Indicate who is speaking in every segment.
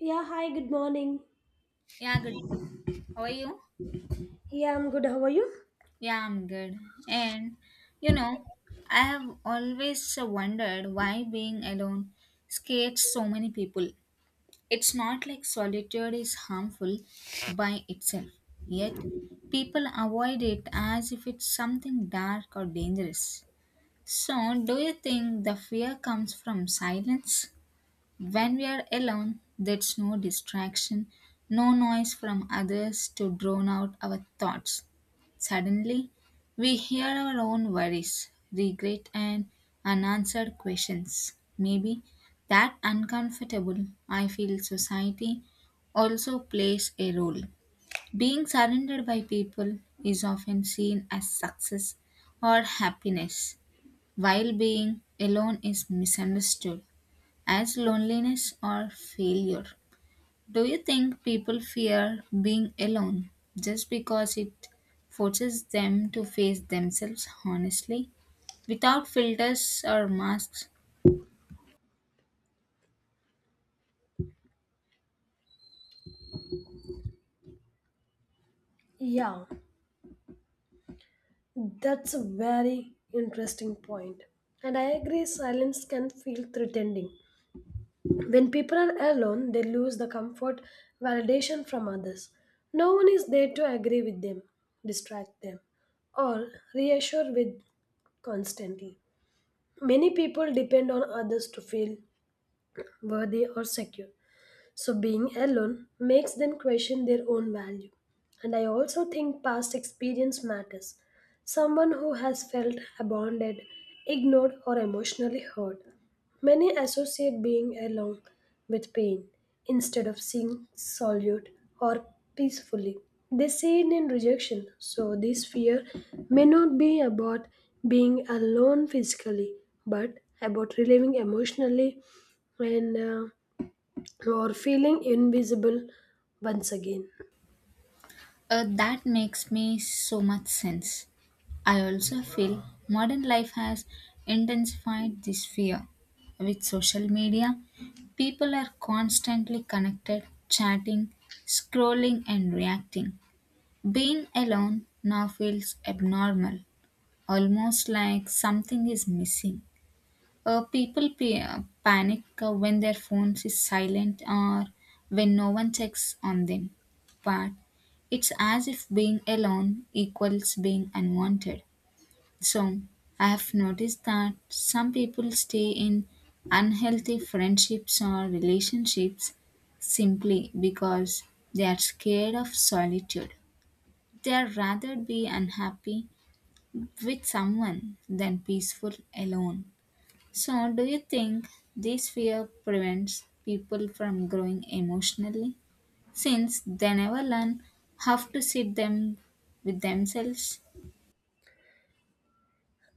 Speaker 1: Yeah, hi, good morning.
Speaker 2: Yeah, good. How are you?
Speaker 1: Yeah, I'm good. How are you?
Speaker 2: Yeah, I'm good. And you know, I have always wondered why being alone scares so many people. It's not like solitude is harmful by itself, yet, people avoid it as if it's something dark or dangerous. So, do you think the fear comes from silence? When we are alone, there's no distraction, no noise from others to drown out our thoughts. Suddenly, we hear our own worries, regret, and unanswered questions. Maybe that uncomfortable, I feel society also plays a role. Being surrounded by people is often seen as success or happiness, while being alone is misunderstood as loneliness or failure. Do you think people fear being alone just because it forces them to face themselves honestly without filters or masks?
Speaker 1: Yeah, that's a very interesting point. And I agree, silence can feel threatening. When people are alone, they lose the comfort, validation from others. No one is there to agree with them, distract them, or reassure with constantly. Many people depend on others to feel worthy or secure. So being alone makes them question their own value. And I also think past experience matters. Someone who has felt abandoned, ignored, or emotionally hurt. Many associate being alone with pain instead of seeing solitude or peacefully. They see it in rejection, so this fear may not be about being alone physically, but about reliving emotionally and or feeling invisible once again.
Speaker 2: That makes me so much sense. I also feel modern life has intensified this fear. With social media, people are constantly connected, chatting, scrolling, and reacting. Being alone now feels abnormal, almost like something is missing. People panic when their phones is silent or when no one checks on them. But it's as if being alone equals being unwanted. So I have noticed that some people stay in unhealthy friendships or relationships simply because they are scared of solitude. They'd rather be unhappy with someone than peaceful alone. So, do you think this fear prevents people from growing emotionally since they never learn how to sit them with themselves?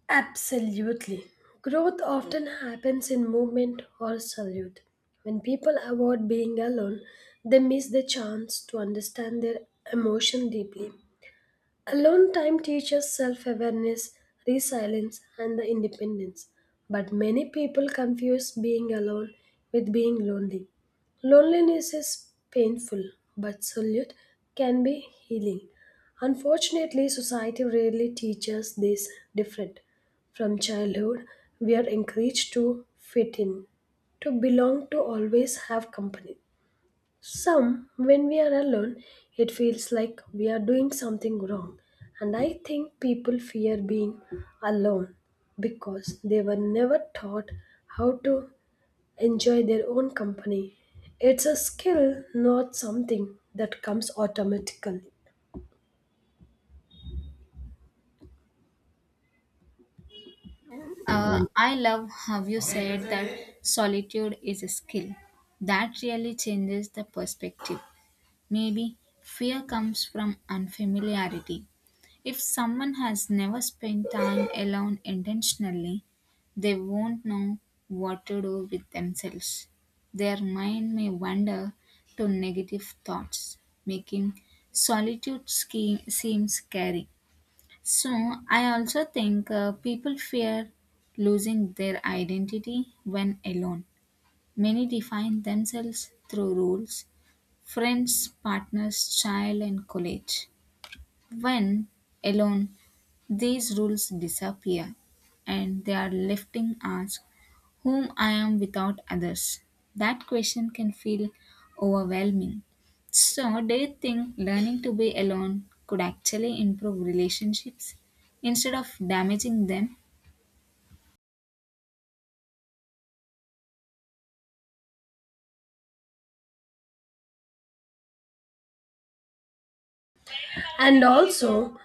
Speaker 1: Absolutely. Growth often happens in movement or solitude. When people avoid being alone, they miss the chance to understand their emotion deeply. Alone time teaches self awareness, resilience, and the independence. But many people confuse being alone with being lonely. Loneliness is painful, but solitude can be healing. Unfortunately, society rarely teaches this different. From childhood, we are encouraged to fit in, to belong, to always have company. Some, when we are alone, it feels like we are doing something wrong. And I think people fear being alone because they were never taught how to enjoy their own company. It's a skill, not something that comes automatically.
Speaker 2: I love how you said that solitude is a skill. That really changes the perspective. Maybe fear comes from unfamiliarity. If someone has never spent time alone intentionally, they won't know what to do with themselves. Their mind may wander to negative thoughts, making solitude seem scary. So, I also think people fear losing their identity when alone. Many define themselves through rules, friends, partners, child, and college. When alone, these rules disappear and they are left in ask whom I am without others. That question can feel overwhelming. So, do you think learning to be alone could actually improve relationships instead of damaging them?
Speaker 1: And also,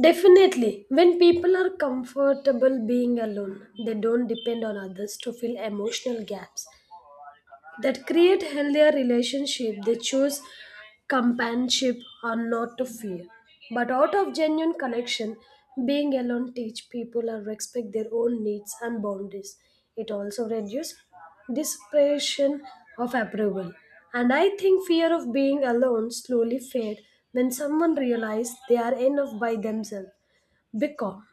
Speaker 1: definitely, when people are comfortable being alone, they don't depend on others to fill emotional gaps. That create healthier relationship they choose companionship or not to fear but out of genuine connection being alone teach people to respect their own needs and boundaries. It also reduces desperation of approval. And I think fear of being alone slowly fade when someone realizes they are enough by themselves, because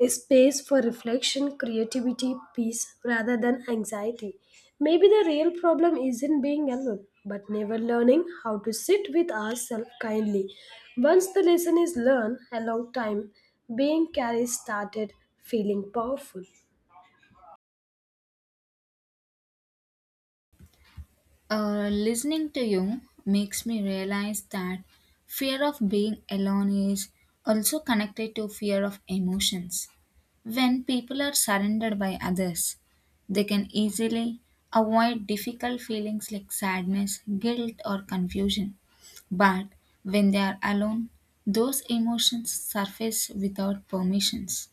Speaker 1: a space for reflection, creativity, peace rather than anxiety. Maybe the real problem isn't being alone, but never learning how to sit with ourselves kindly. Once the lesson is learned, a long time being carried started feeling powerful.
Speaker 2: Listening to you makes me realize that fear of being alone is also connected to fear of emotions. When people are surrounded by others, they can easily avoid difficult feelings like sadness, guilt, or confusion. But when they are alone, those emotions surface without permissions.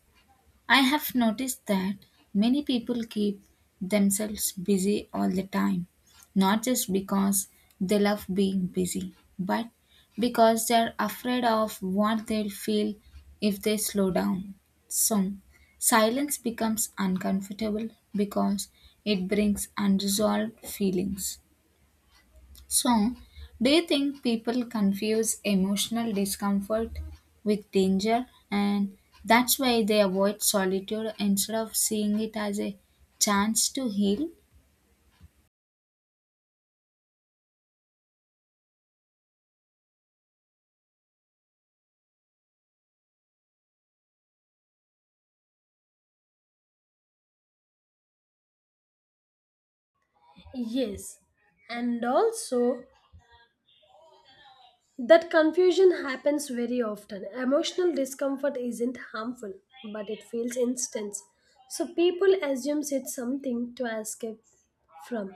Speaker 2: I have noticed that many people keep themselves busy all the time, not just because they love being busy, but because they are afraid of what they'll feel if they slow down. So, silence becomes uncomfortable because it brings unresolved feelings. So, do you think people confuse emotional discomfort with danger and that's why they avoid solitude instead of seeing it as a chance to heal?
Speaker 1: Yes, and also, that confusion happens very often. Emotional discomfort isn't harmful, but it feels instant. So people assume it's something to escape from.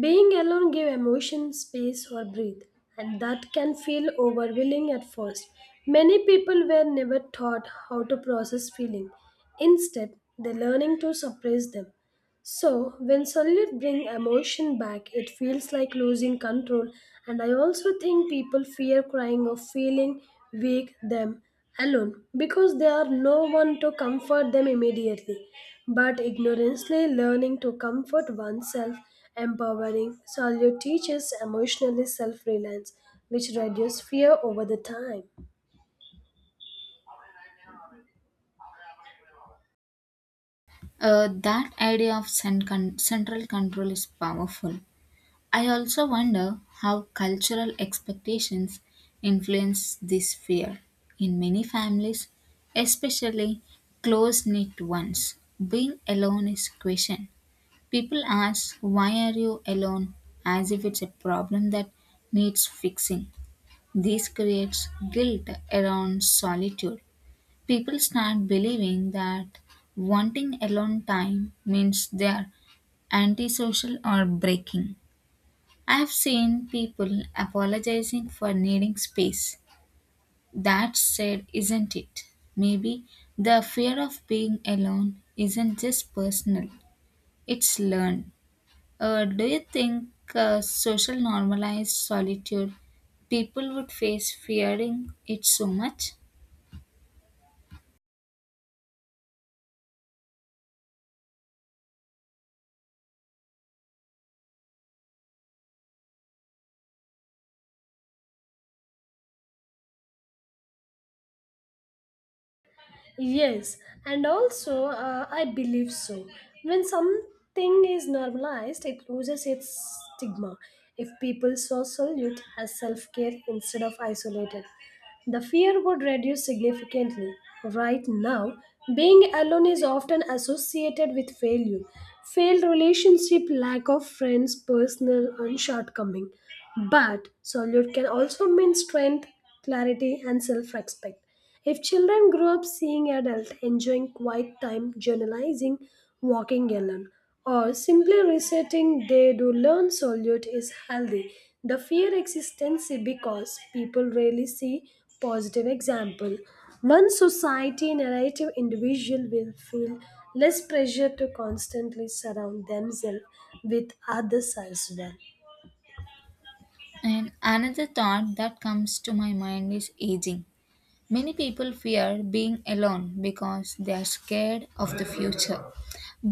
Speaker 1: Being alone gives emotion space or breathe, and that can feel overwhelming at first. Many people were never taught how to process feeling. Instead, they're learning to suppress them. So, when sunlight brings emotion back, it feels like losing control. And I also think people fear crying or feeling weak them alone because there are no one to comfort them immediately. But ignorantly learning to comfort oneself, empowering solitude teaches emotionally self-reliance, which reduces fear over the time.
Speaker 2: That idea of central control is powerful. I also wonder how cultural expectations influence this fear. In many families, especially close knit ones, being alone is questioned. People ask, "Why are you alone?" as if it's a problem that needs fixing. This creates guilt around solitude. People start believing that wanting alone time means they are antisocial or breaking. I have seen people apologizing for needing space. That said, isn't it? Maybe the fear of being alone isn't just personal, it's learned. Do you think social normalized solitude people would face fearing it so much?
Speaker 1: Yes, and also I believe so. When something is normalized, it loses its stigma. If people saw solute as self care instead of isolated, the fear would reduce significantly. Right now, being alone is often associated with failure, failed relationship, lack of friends, personal and shortcoming. But solute can also mean strength, clarity, and self respect. If children grow up seeing adults enjoying quiet time, journalizing, walking alone, or simply resetting, they do learn solitude is healthy. The fear existence because people rarely see positive example. One society narrative individual will feel less pressure to constantly surround themselves with others as well.
Speaker 2: And another thought that comes to my mind is aging. Many people fear being alone because they are scared of the future.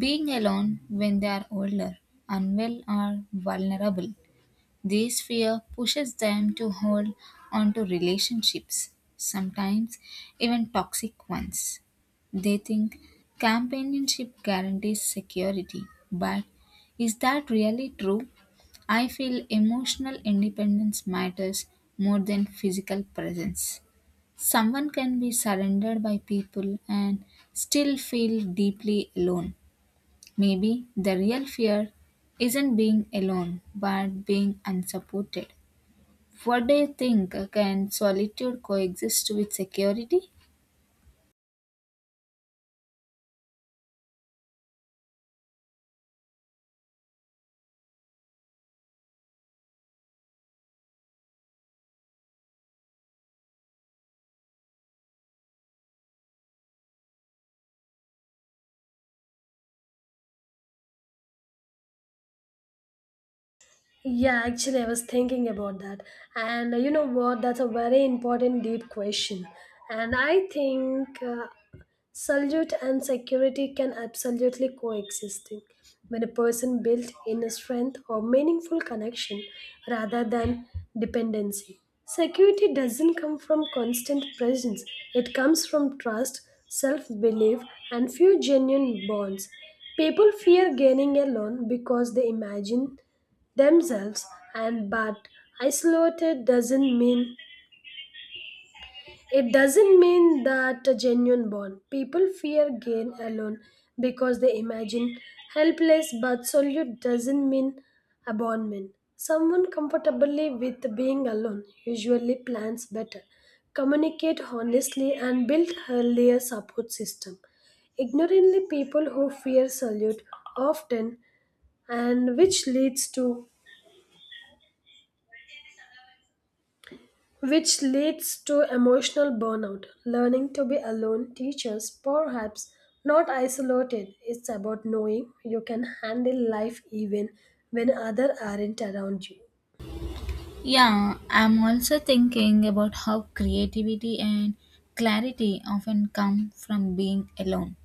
Speaker 2: Being alone when they are older, unwell, or vulnerable. This fear pushes them to hold onto relationships, sometimes even toxic ones. They think companionship guarantees security, but is that really true? I feel emotional independence matters more than physical presence. Someone can be surrendered by people and still feel deeply alone. Maybe the real fear isn't being alone, but being unsupported. What do you think? Can solitude coexist with security?
Speaker 1: Yeah, actually, I was thinking about that. And you know what? That's a very important, deep question. And I think salute and security can absolutely coexist when a person builds inner strength or meaningful connection rather than dependency. Security doesn't come from constant presence, it comes from trust, self belief, and few genuine bonds. People fear gaining alone because they imagine themselves and but isolated doesn't mean that a genuine bond. People fear gain alone because they imagine helpless, but solitude doesn't mean abandonment. Someone comfortably with being alone usually plans better, communicate honestly, and build healthier support system. Ignorantly, people who fear solitude often, and which leads to emotional burnout. Learning to be alone teaches, perhaps not isolated. It's about knowing you can handle life even when others aren't around you.
Speaker 2: Yeah, I'm also thinking about how creativity and clarity often come from being alone.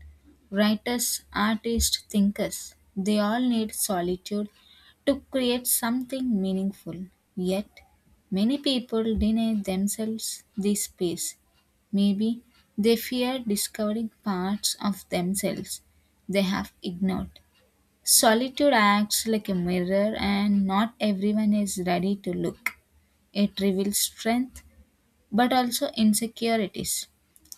Speaker 2: Writers, artists, thinkers, they all need solitude to create something meaningful. Yet, many people deny themselves this space. Maybe they fear discovering parts of themselves they have ignored. Solitude acts like a mirror, and not everyone is ready to look. It reveals strength, but also insecurities.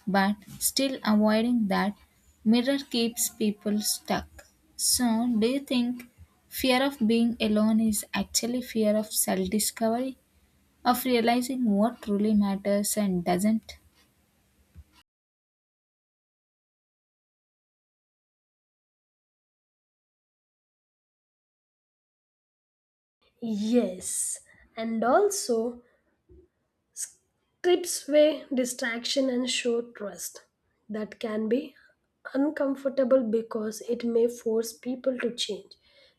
Speaker 2: But still, avoiding that mirror keeps people stuck. So, do you think fear of being alone is actually fear of self discovery, of realizing what truly matters and doesn't?
Speaker 1: Yes, and also trips away distraction and show trust. That can be uncomfortable because it may force people to change.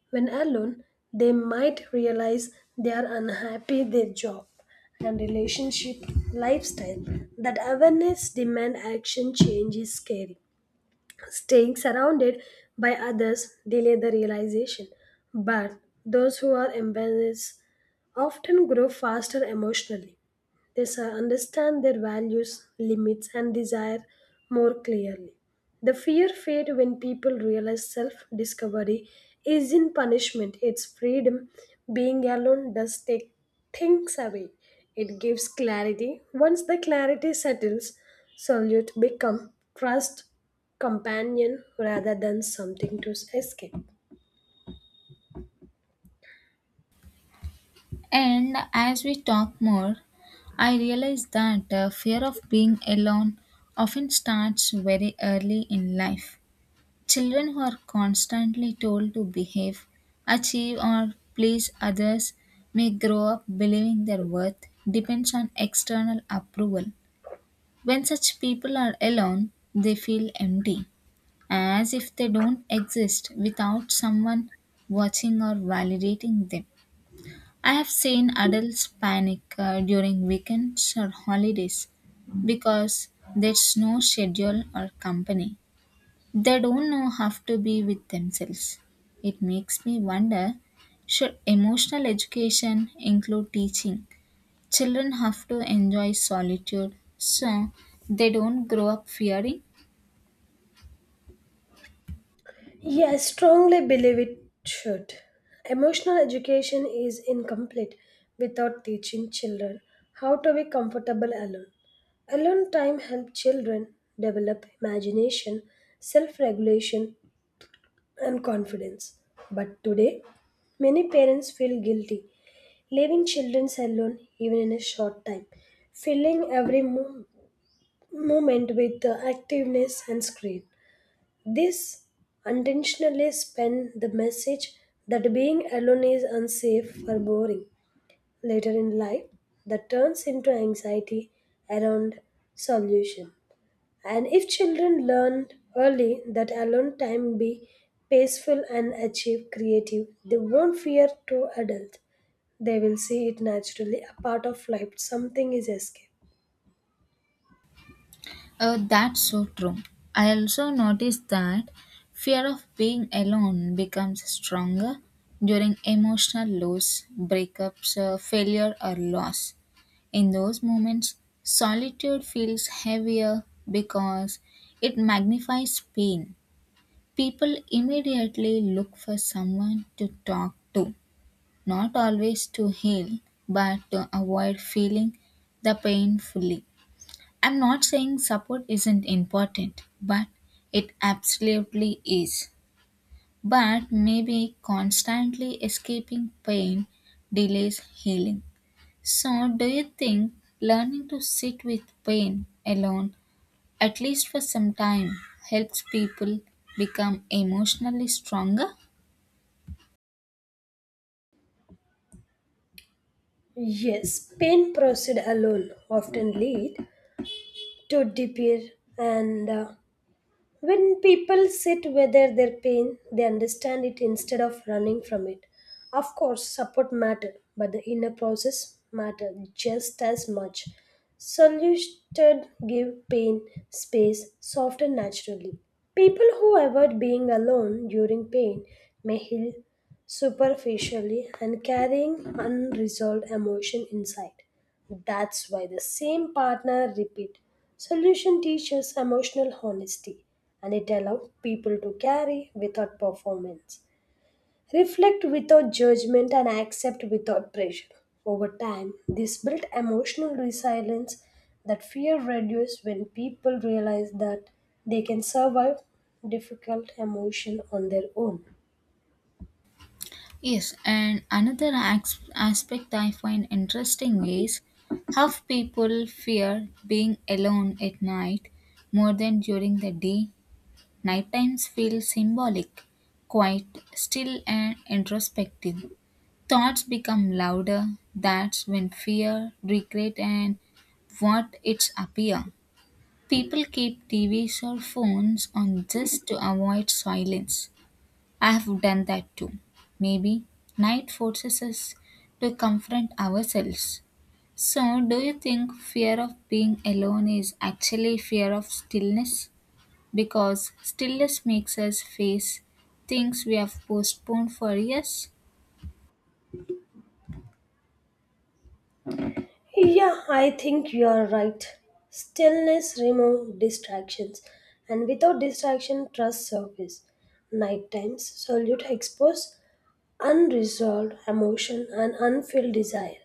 Speaker 1: When alone, they might realize they are unhappy their job and relationship lifestyle. That awareness demand action change is scary. Staying surrounded by others delay the realization, but those who are embarrassed often grow faster emotionally. Understand their values, limits, and desire more clearly. The fear fades when people realize self discovery is in punishment, it's freedom. Being alone does take things away. It gives clarity. Once the clarity settles, solitude become trust companion rather than something to escape.
Speaker 2: And as we talk more, I realize that the fear of being alone often starts very early in life. Children who are constantly told to behave, achieve, or please others may grow up believing their worth depends on external approval. When such people are alone, they feel empty, as if they don't exist without someone watching or validating them. I have seen adults panic during weekends or holidays because there's no schedule or company. They don't know how to be with themselves. It makes me wonder should emotional education include teaching? Children have to enjoy solitude so they don't grow up fearing.
Speaker 1: Yeah, I strongly believe it should. Emotional education is incomplete without teaching children how to be comfortable alone. Alone time helps children develop imagination, self regulation, and confidence. But today, many parents feel guilty leaving children alone even in a short time, filling every moment with the activeness and screen. This unintentionally spend the message that being alone is unsafe or boring. Later in life, that turns into anxiety around solution. And if children learn early that alone time be peaceful and achieve creative, they won't fear to adult. They will see it naturally a part of life. Something is escape.
Speaker 2: That's so true. I also noticed that fear of being alone becomes stronger during emotional loss, breakups, failure, or loss. In those moments, solitude feels heavier because it magnifies pain. People immediately look for someone to talk to, not always to heal, but to avoid feeling the pain fully. I'm not saying support isn't important, but it absolutely is. But maybe constantly escaping pain delays healing. So, do you think learning to sit with pain alone, at least for some time, helps people become emotionally stronger?
Speaker 1: Yes, pain proceed alone often lead to despair, and when people sit whether their pain, they understand it instead of running from it. Of course, support matter, but the inner process matter just as much. Solution give pain space, soft and naturally. People who avoid being alone during pain may heal superficially and carrying unresolved emotion inside. That's why the same partner repeat solution teaches emotional honesty and it allows people to carry without performance, reflect without judgment, and accept without pressure. Over time, this built emotional resilience that fear reduces when people realize that they can survive difficult emotion on their own.
Speaker 2: Yes, and another as aspect I find interesting is how people fear being alone at night more than during the day. Night times feel symbolic, quiet, still, and introspective. Thoughts become louder. That's when fear, regret, and what it's appear. People keep TVs or phones on just to avoid silence. I have done that too. Maybe night forces us to confront ourselves. So, do you think fear of being alone is actually fear of stillness? Because stillness makes us face things we have postponed for years.
Speaker 1: Yeah, I think you are right. Stillness remove distractions, and without distraction, trust surface. Night times, solitude expose unresolved emotion and unfilled desire.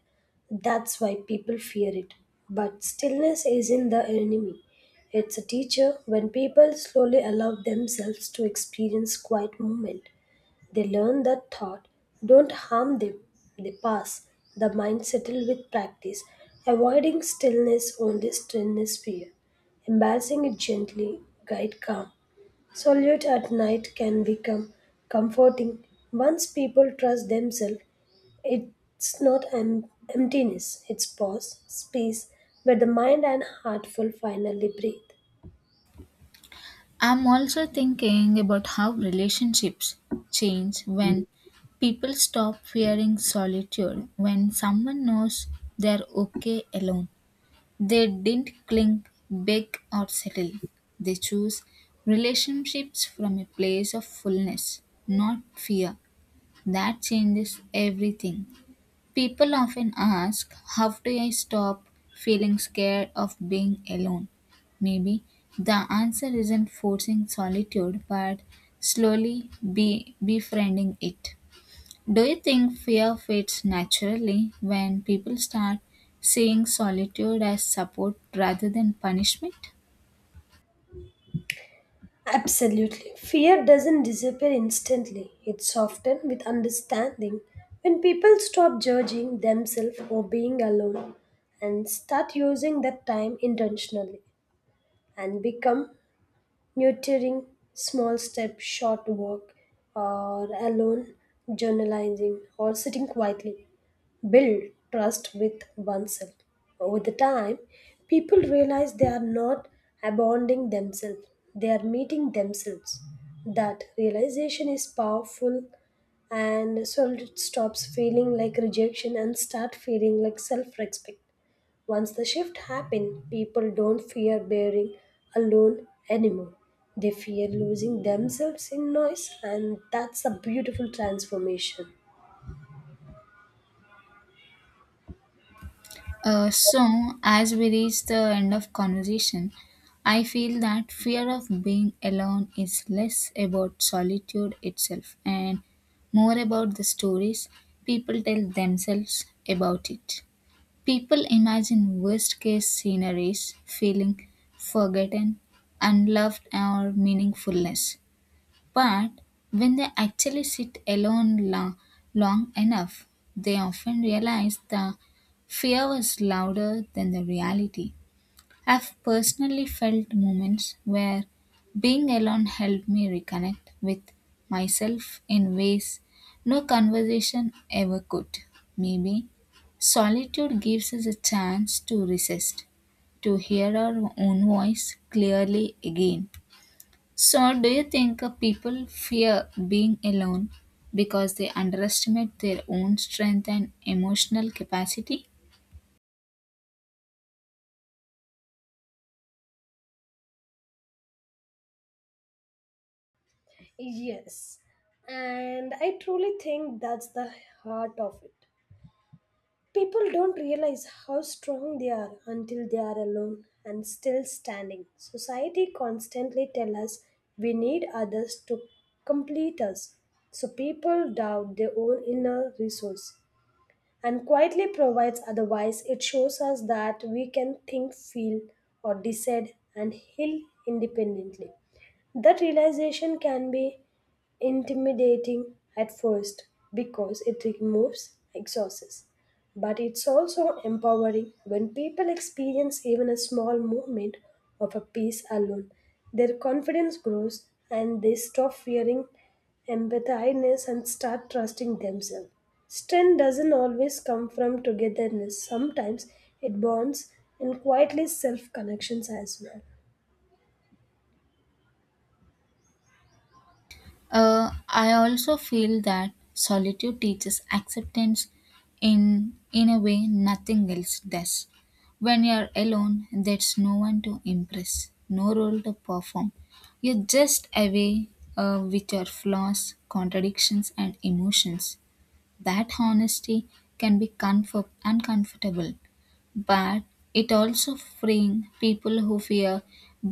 Speaker 1: That's why people fear it. But stillness isn't the enemy. It's a teacher when people slowly allow themselves to experience quiet moment. They learn that thought don't harm them, they pass. The mind settle with practice. Avoiding stillness only stillness fear. Embarrassing it gently, guide calm. Solitude at night can become comforting. Once people trust themselves, it's not em- emptiness, it's pause, space where the mind and heart will finally breathe.
Speaker 2: I'm also thinking about how relationships change when people stop fearing solitude, when someone knows they're okay alone. They didn't cling, beg, or settle. They chose relationships from a place of fullness, not fear. That changes everything. People often ask, "How do I stop feeling scared of being alone?" Maybe the answer isn't forcing solitude, but slowly be befriending it. Do you think fear fades naturally when people start seeing solitude as support rather than punishment?
Speaker 1: Absolutely. Fear doesn't disappear instantly, it's often with understanding. When people stop judging themselves or being alone and start using that time intentionally and become nurturing small step short walk or alone journalizing or sitting quietly build trust with oneself over the time people realize they are not abandoning themselves, they are meeting themselves. That realization is powerful, and so it stops feeling like rejection and start feeling like self-respect. Once the shift happened, people don't fear being alone anymore. They fear losing themselves in noise, and that's a beautiful transformation.
Speaker 2: So, as we reach the end of conversation, I feel that fear of being alone is less about solitude itself and more about the stories people tell themselves about it. People imagine worst case scenarios, feeling forgotten, unloved, or meaningless. But when they actually sit alone long enough, they often realize the fear was louder than the reality. I've personally felt moments where being alone helped me reconnect with myself in ways no conversation ever could. Maybe solitude gives us a chance to resist, to hear our own voice clearly again. So, do you think people fear being alone because they underestimate their own strength and emotional capacity?
Speaker 1: Yes, and I truly think that's the heart of it. People don't realize how strong they are until they are alone and still standing. Society constantly tells us we need others to complete us. So people doubt their own inner resource, and quietly provides otherwise it shows us that we can think feel or decide and heal independently. That realization can be intimidating at first because it removes excuses, but it's also empowering when people experience even a small movement of a piece alone. Their confidence grows and they stop fearing empathiness and start trusting themselves. Strength doesn't always come from togetherness, sometimes it bonds in quietly self connections as well.
Speaker 2: I also feel that solitude teaches acceptance in a way nothing else does. When you're alone, there's no one to impress, no role to perform. You're just away with your flaws, contradictions, and emotions. That honesty can be uncomfortable, but it also freeing people who fear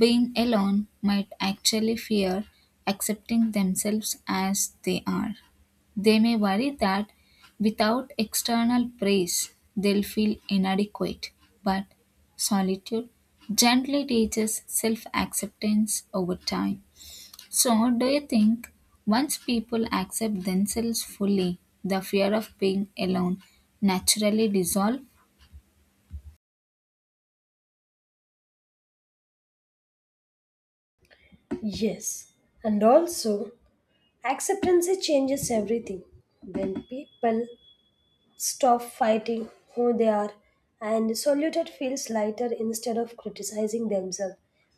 Speaker 2: being alone might actually fear accepting themselves as they are. They may worry that without external praise, they'll feel inadequate, but solitude gently teaches self acceptance over time. So, do you think once people accept themselves fully, the fear of being alone naturally dissolves?
Speaker 1: Yes, and also acceptance changes everything. When people stop fighting who they are, and saluted feels lighter instead of criticizing themselves.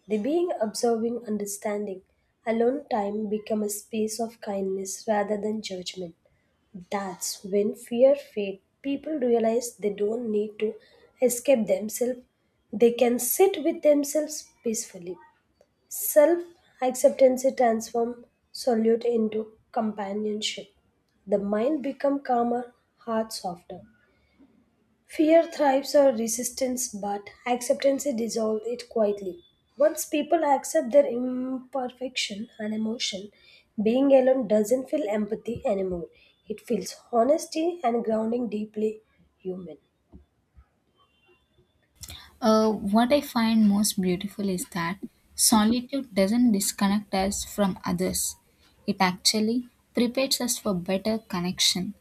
Speaker 1: The being observing understanding, alone time become a space of kindness rather than judgment. That's when fear fades. People realize they don't need to escape themselves. They can sit with themselves peacefully. Self acceptance transforms solitude into companionship. The mind become calmer, heart softer. Fear thrives on resistance, but acceptance dissolves it quietly. Once people accept their imperfection and emotion, being alone doesn't feel empathy anymore. It feels honesty and grounding deeply human.
Speaker 2: What I find most beautiful is that solitude doesn't disconnect us from others, it actually prepares us for better connection.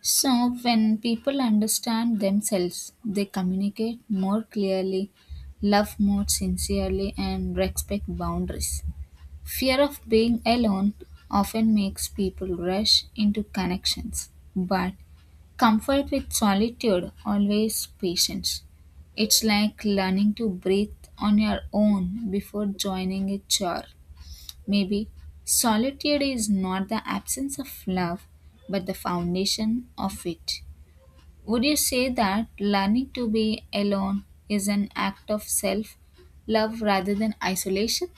Speaker 2: So, when people understand themselves, they communicate more clearly, love more sincerely, and respect boundaries. Fear of being alone often makes people rush into connections, but comfort with solitude always patience. It's like learning to breathe on your own before joining a chore. Maybe solitude is not the absence of love, but the foundation of it. Would you say that learning to be alone is an act of self love rather than isolation?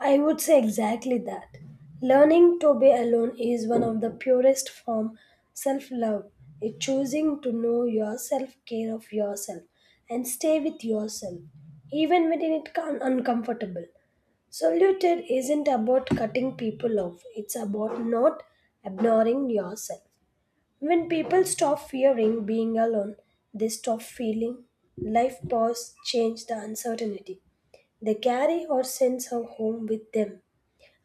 Speaker 1: I would say exactly that. Learning to be alone is one of the purest form self-love. It's choosing to know yourself, care of yourself, and stay with yourself, even when it is uncomfortable. Solitude isn't about cutting people off, it's about not ignoring yourself. When people stop fearing being alone, they stop feeling life pause, change the uncertainty. They carry our sense of home with them,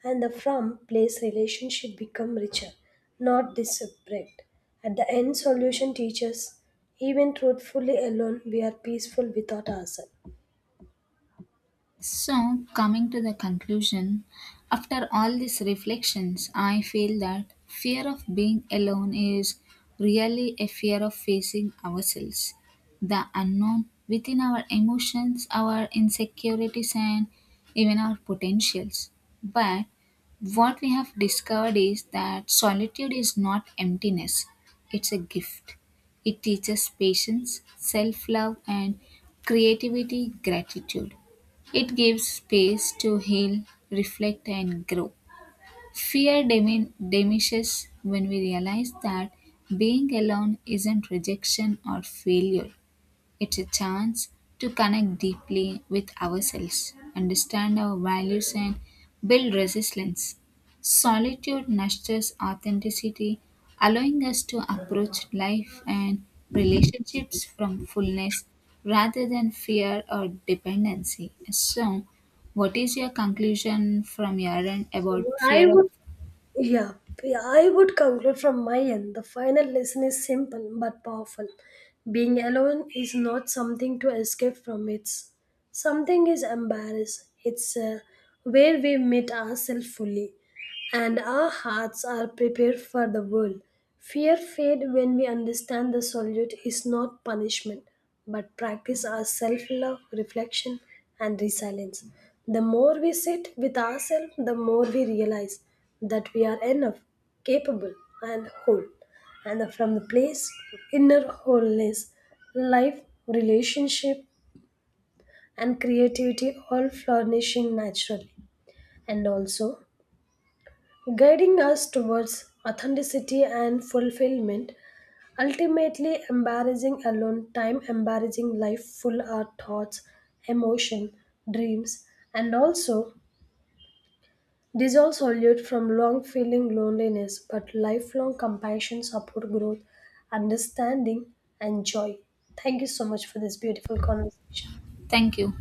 Speaker 1: and the from place relationship become richer, not disparate. At the end, solution teaches even truthfully alone, we are peaceful without ourselves.
Speaker 2: So, coming to the conclusion, after all these reflections, I feel that fear of being alone is really a fear of facing ourselves, the unknown within our emotions, our insecurities, and even our potentials. But what we have discovered is that solitude is not emptiness, it's a gift. It teaches patience, self love, and creativity, gratitude. It gives space to heal, reflect, and grow. Fear diminishes when we realize that being alone isn't rejection or failure, it's a chance to connect deeply with ourselves, understand our values, and build resilience. Solitude nurtures authenticity, allowing us to approach life and relationships from fullness rather than fear or dependency. So, what is your conclusion from your end
Speaker 1: So
Speaker 2: about fear
Speaker 1: I
Speaker 2: of?
Speaker 1: would Yeah, I would conclude from my end. The final lesson is simple but powerful. Being alone is not something to escape from. It's something is embarrassed. It's where we meet ourselves fully and our hearts are prepared for the world. Fear fades when we understand the solitude is not punishment, but practice our self love, reflection, and resilience. The more we sit with ourselves, the more we realize that we are enough, capable, and whole. And from the place of inner wholeness, life, relationship, and creativity all flourishing naturally. And also, guiding us towards authenticity and fulfillment, ultimately embarrassing alone time, embarrassing life full our thoughts, emotion, dreams, and also dissolve solute from long feeling loneliness, but lifelong compassion, support, growth, understanding, and joy. Thank you so much for this beautiful conversation.
Speaker 2: Thank you.